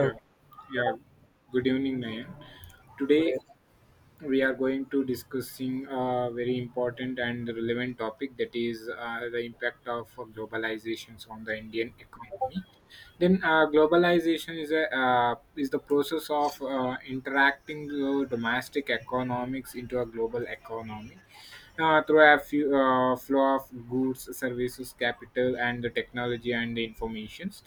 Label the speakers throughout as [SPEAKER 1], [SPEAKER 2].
[SPEAKER 1] Yeah, yeah. Good evening, Nayan.
[SPEAKER 2] good day.
[SPEAKER 1] Today we are going to discussing a very important and relevant topic, that is the impact of globalizations on the Indian economy. Then globalization is a is the process of interacting the domestic economics into a global economy through a flow of goods, services, capital, and the technology and the informations.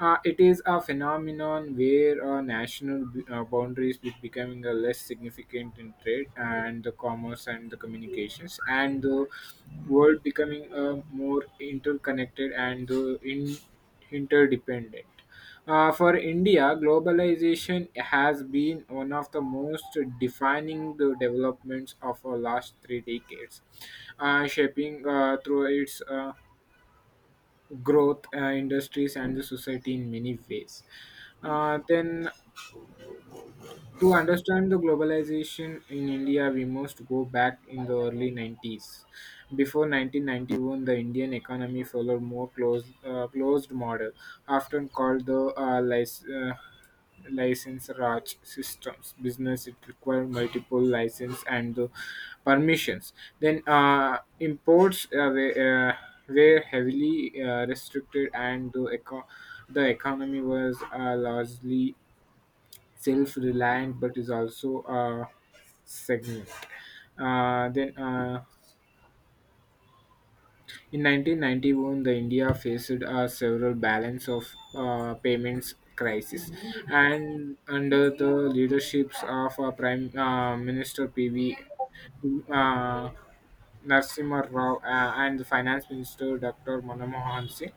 [SPEAKER 1] It is a phenomenon where national boundaries becoming a less significant in trade and the commerce and the communications, and the world becoming more interconnected and interdependent. For India, globalization has been one of the most defining the developments of our last three decades, shaping through its growth, industries, and the society in many ways. Then to understand the globalization in India, we must go back in the early 90s. Before 1991, the Indian economy followed more closed model, often called the license raj systems business. It required multiple license and the permissions. Then imports were heavily restricted, and the economy was largely self-reliant but is also a segment. Then in 1991, the India faced several balance of payments crisis, and under the leaderships of Prime Minister PV uh, Narasimha Rao and the Finance Minister Dr. Manmohan Singh,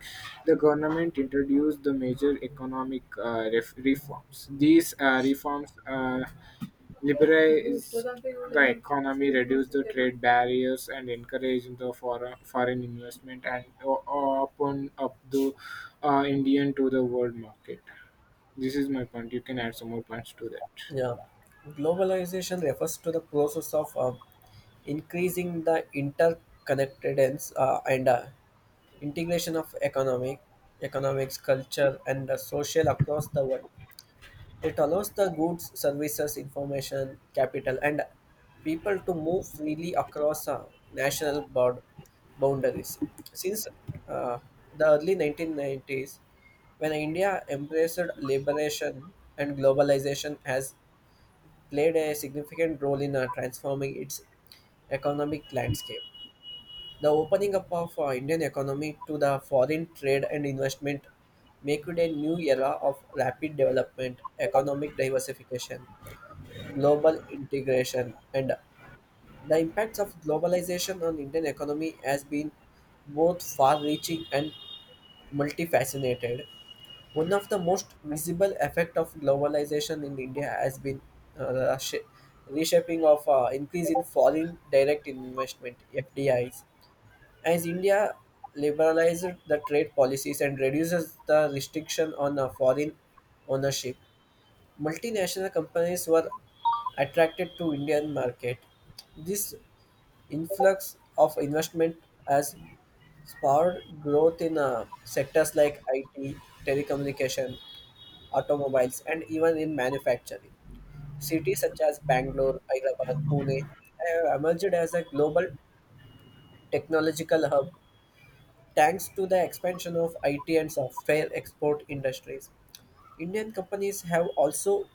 [SPEAKER 1] the government introduced the major economic reforms. These reforms liberalize the economy, reduce the trade barriers, and encourage the foreign investment and open up the Indian to the world market. This is my point. You can add some more points to that.
[SPEAKER 2] Yeah, globalization refers to the process of increasing the interconnectedness and integration of economics, culture, and social across the world. It allows the goods, services, information, capital, and people to move freely across national board boundaries. Since uh, the early 1990s, when India embraced liberation and globalization, has played a significant role in transforming its economic landscape. The opening up of Indian economy to the foreign trade and investment make it a new era of rapid development, economic diversification, global integration, and the impacts of globalization on Indian economy has been both far-reaching and multifaceted. One of the most visible effect of globalization in India has been uh, the sh- reshaping of increase in foreign direct investment (FDIs). As India liberalizes the trade policies and reduces the restriction on foreign ownership, multinational companies were attracted to Indian market. This influx of investment has spurred growth in sectors like IT, telecommunication, automobiles, and even in manufacturing. Cities such as Bangalore, Hyderabad, Pune have emerged as a global technological hub. Thanks to the expansion of IT and software export industries, Indian companies have also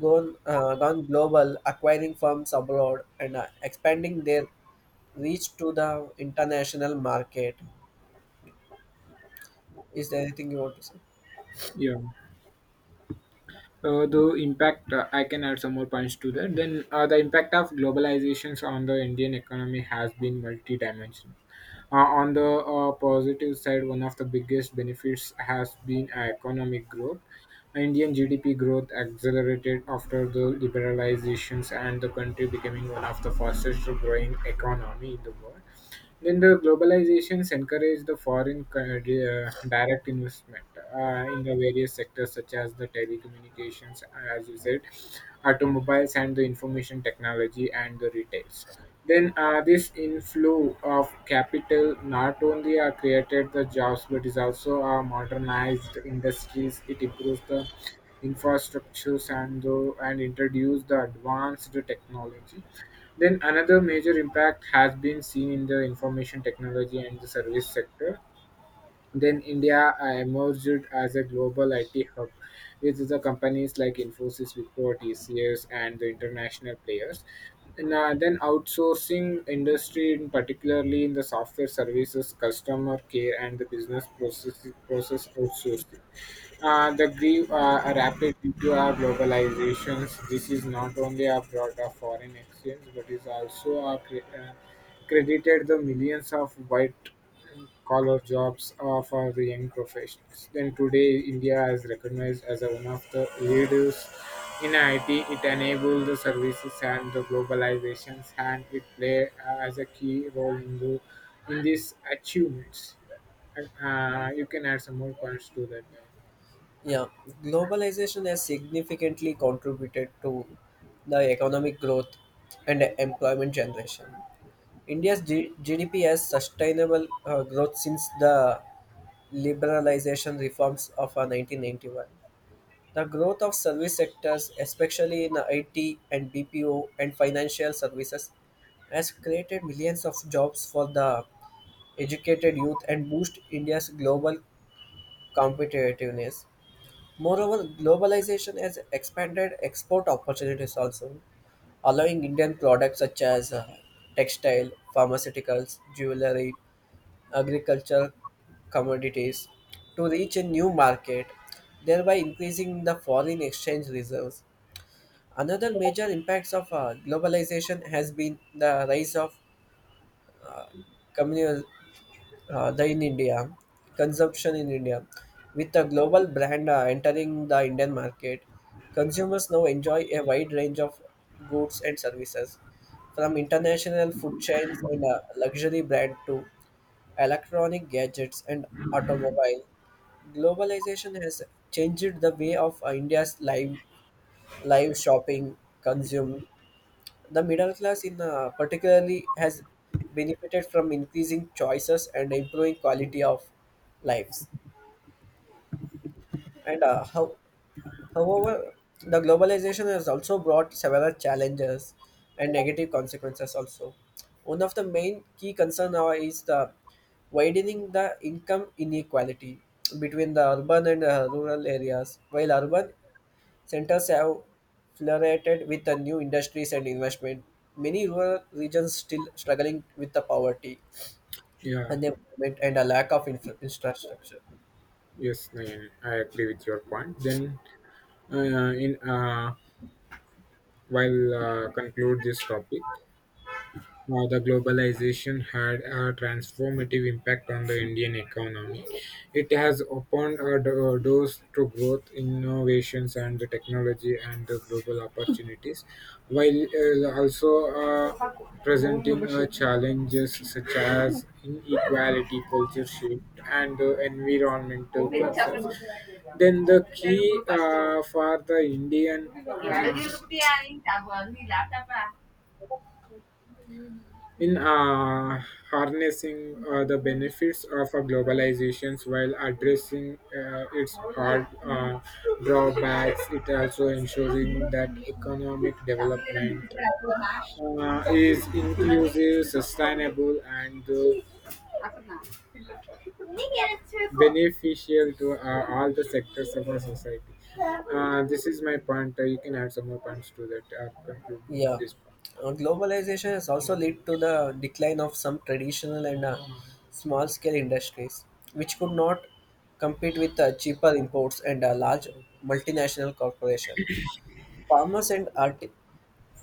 [SPEAKER 2] gone global, acquiring firms abroad and expanding their reach to the international market. Is there anything you want to say?
[SPEAKER 1] Yeah. The impact, I can add some more points to that. The impact of globalizations on the Indian economy has been multidimensional. On the positive side, one of the biggest benefits has been economic growth. Indian GDP growth accelerated after the liberalizations, and the country becoming one of the fastest growing economy in the world. Then the globalizations encourage the direct investment in the various sectors such as the telecommunications, as you said, automobiles and the information technology and the retails. Then this inflow of capital not only created the jobs but is also modernized industries. It improves the infrastructures and the and introduce the advanced technology. Then another major impact has been seen in the information technology and the service sector. Then India emerged as a global IT hub with the companies like Infosys, Wipro, TCS, and the international players. And then outsourcing industry, in particularly in the software services, customer care, and the business process outsourcing, the grew rapid due to our globalizations. This is not only a brought a foreign exchange, but is also a credited the millions of white collar jobs are for the young professionals. Then today, India is recognized as one of the leaders in IT. It enables the services and the globalizations, and it play as a key role in the in these achievements. You can add some more points to that.
[SPEAKER 2] Yeah, globalization has significantly contributed to the economic growth and employment generation. GDP has sustainable growth since the liberalization reforms of 1991. The growth of service sectors, especially in IT and BPO and financial services, has created millions of jobs for the educated youth and boost India's global competitiveness. Moreover, globalization has expanded export opportunities also, allowing Indian products such as textile, pharmaceuticals, jewelry, agriculture, commodities to reach a new market, thereby increasing the foreign exchange reserves. Another major impacts of globalization has been the rise of communal the in India, consumption in India. With the global brand entering the Indian market, consumers now enjoy a wide range of goods and services, from international food chains and luxury brand to electronic gadgets and automobile. Globalization has changed the way of India's live shopping, consume. The middle class in particularly has benefited from increasing choices and improving quality of lives. And uh, how, However, the globalization has also brought several challenges and negative consequences also. One of the main key concern now is the widening the income inequality between the urban and rural areas. While urban Centers have flooded with the new industries and investment. Many rural regions still struggling with the poverty,
[SPEAKER 1] Yeah.
[SPEAKER 2] unemployment, and a lack of infrastructure.
[SPEAKER 1] Yes, Nayan, I agree with your point. Then, in while conclude this topic. The globalization had a transformative impact on the Indian economy. It has opened doors to growth, innovations, and the technology and the global opportunities, while also presenting challenges such as inequality, culture shift, and environmental concerns. Then the key for the Indian uh, in harnessing the benefits of globalization, while addressing its hard drawbacks, it also ensuring that economic development is inclusive, sustainable, and beneficial to all the sectors of our society. This is my point. You can add some more points to that or conclude
[SPEAKER 2] Yeah.
[SPEAKER 1] this point.
[SPEAKER 2] Globalization has also led to the decline of some traditional and small scale industries, which could not compete with cheaper imports and large multinational corporations. Farmers and art-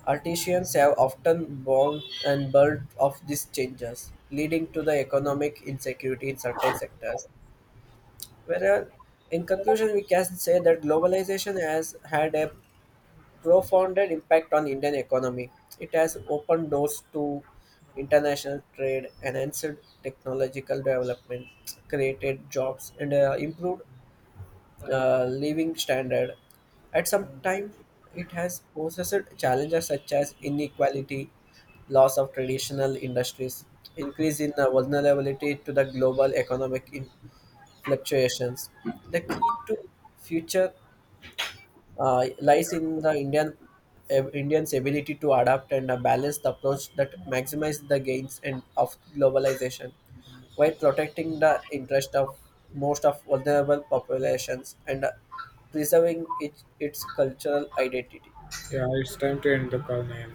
[SPEAKER 2] Artisans have often borne and burnt of these changes, leading to the economic insecurity in certain sectors. Whereas, in conclusion, we can say that globalization has had a profound impact on Indian economy. It has opened doors to international trade, enhanced technological development, created jobs, and improved living standard. At some time, it has posed challenges such as inequality, loss of traditional industries, increase in vulnerability to the global economic fluctuations. The key to future lies in the Indians' ability to adapt and a balanced approach that maximizes the gains and of globalization while protecting the interest of most of vulnerable populations and preserving its cultural identity.
[SPEAKER 1] Yeah, it's time to end the call now.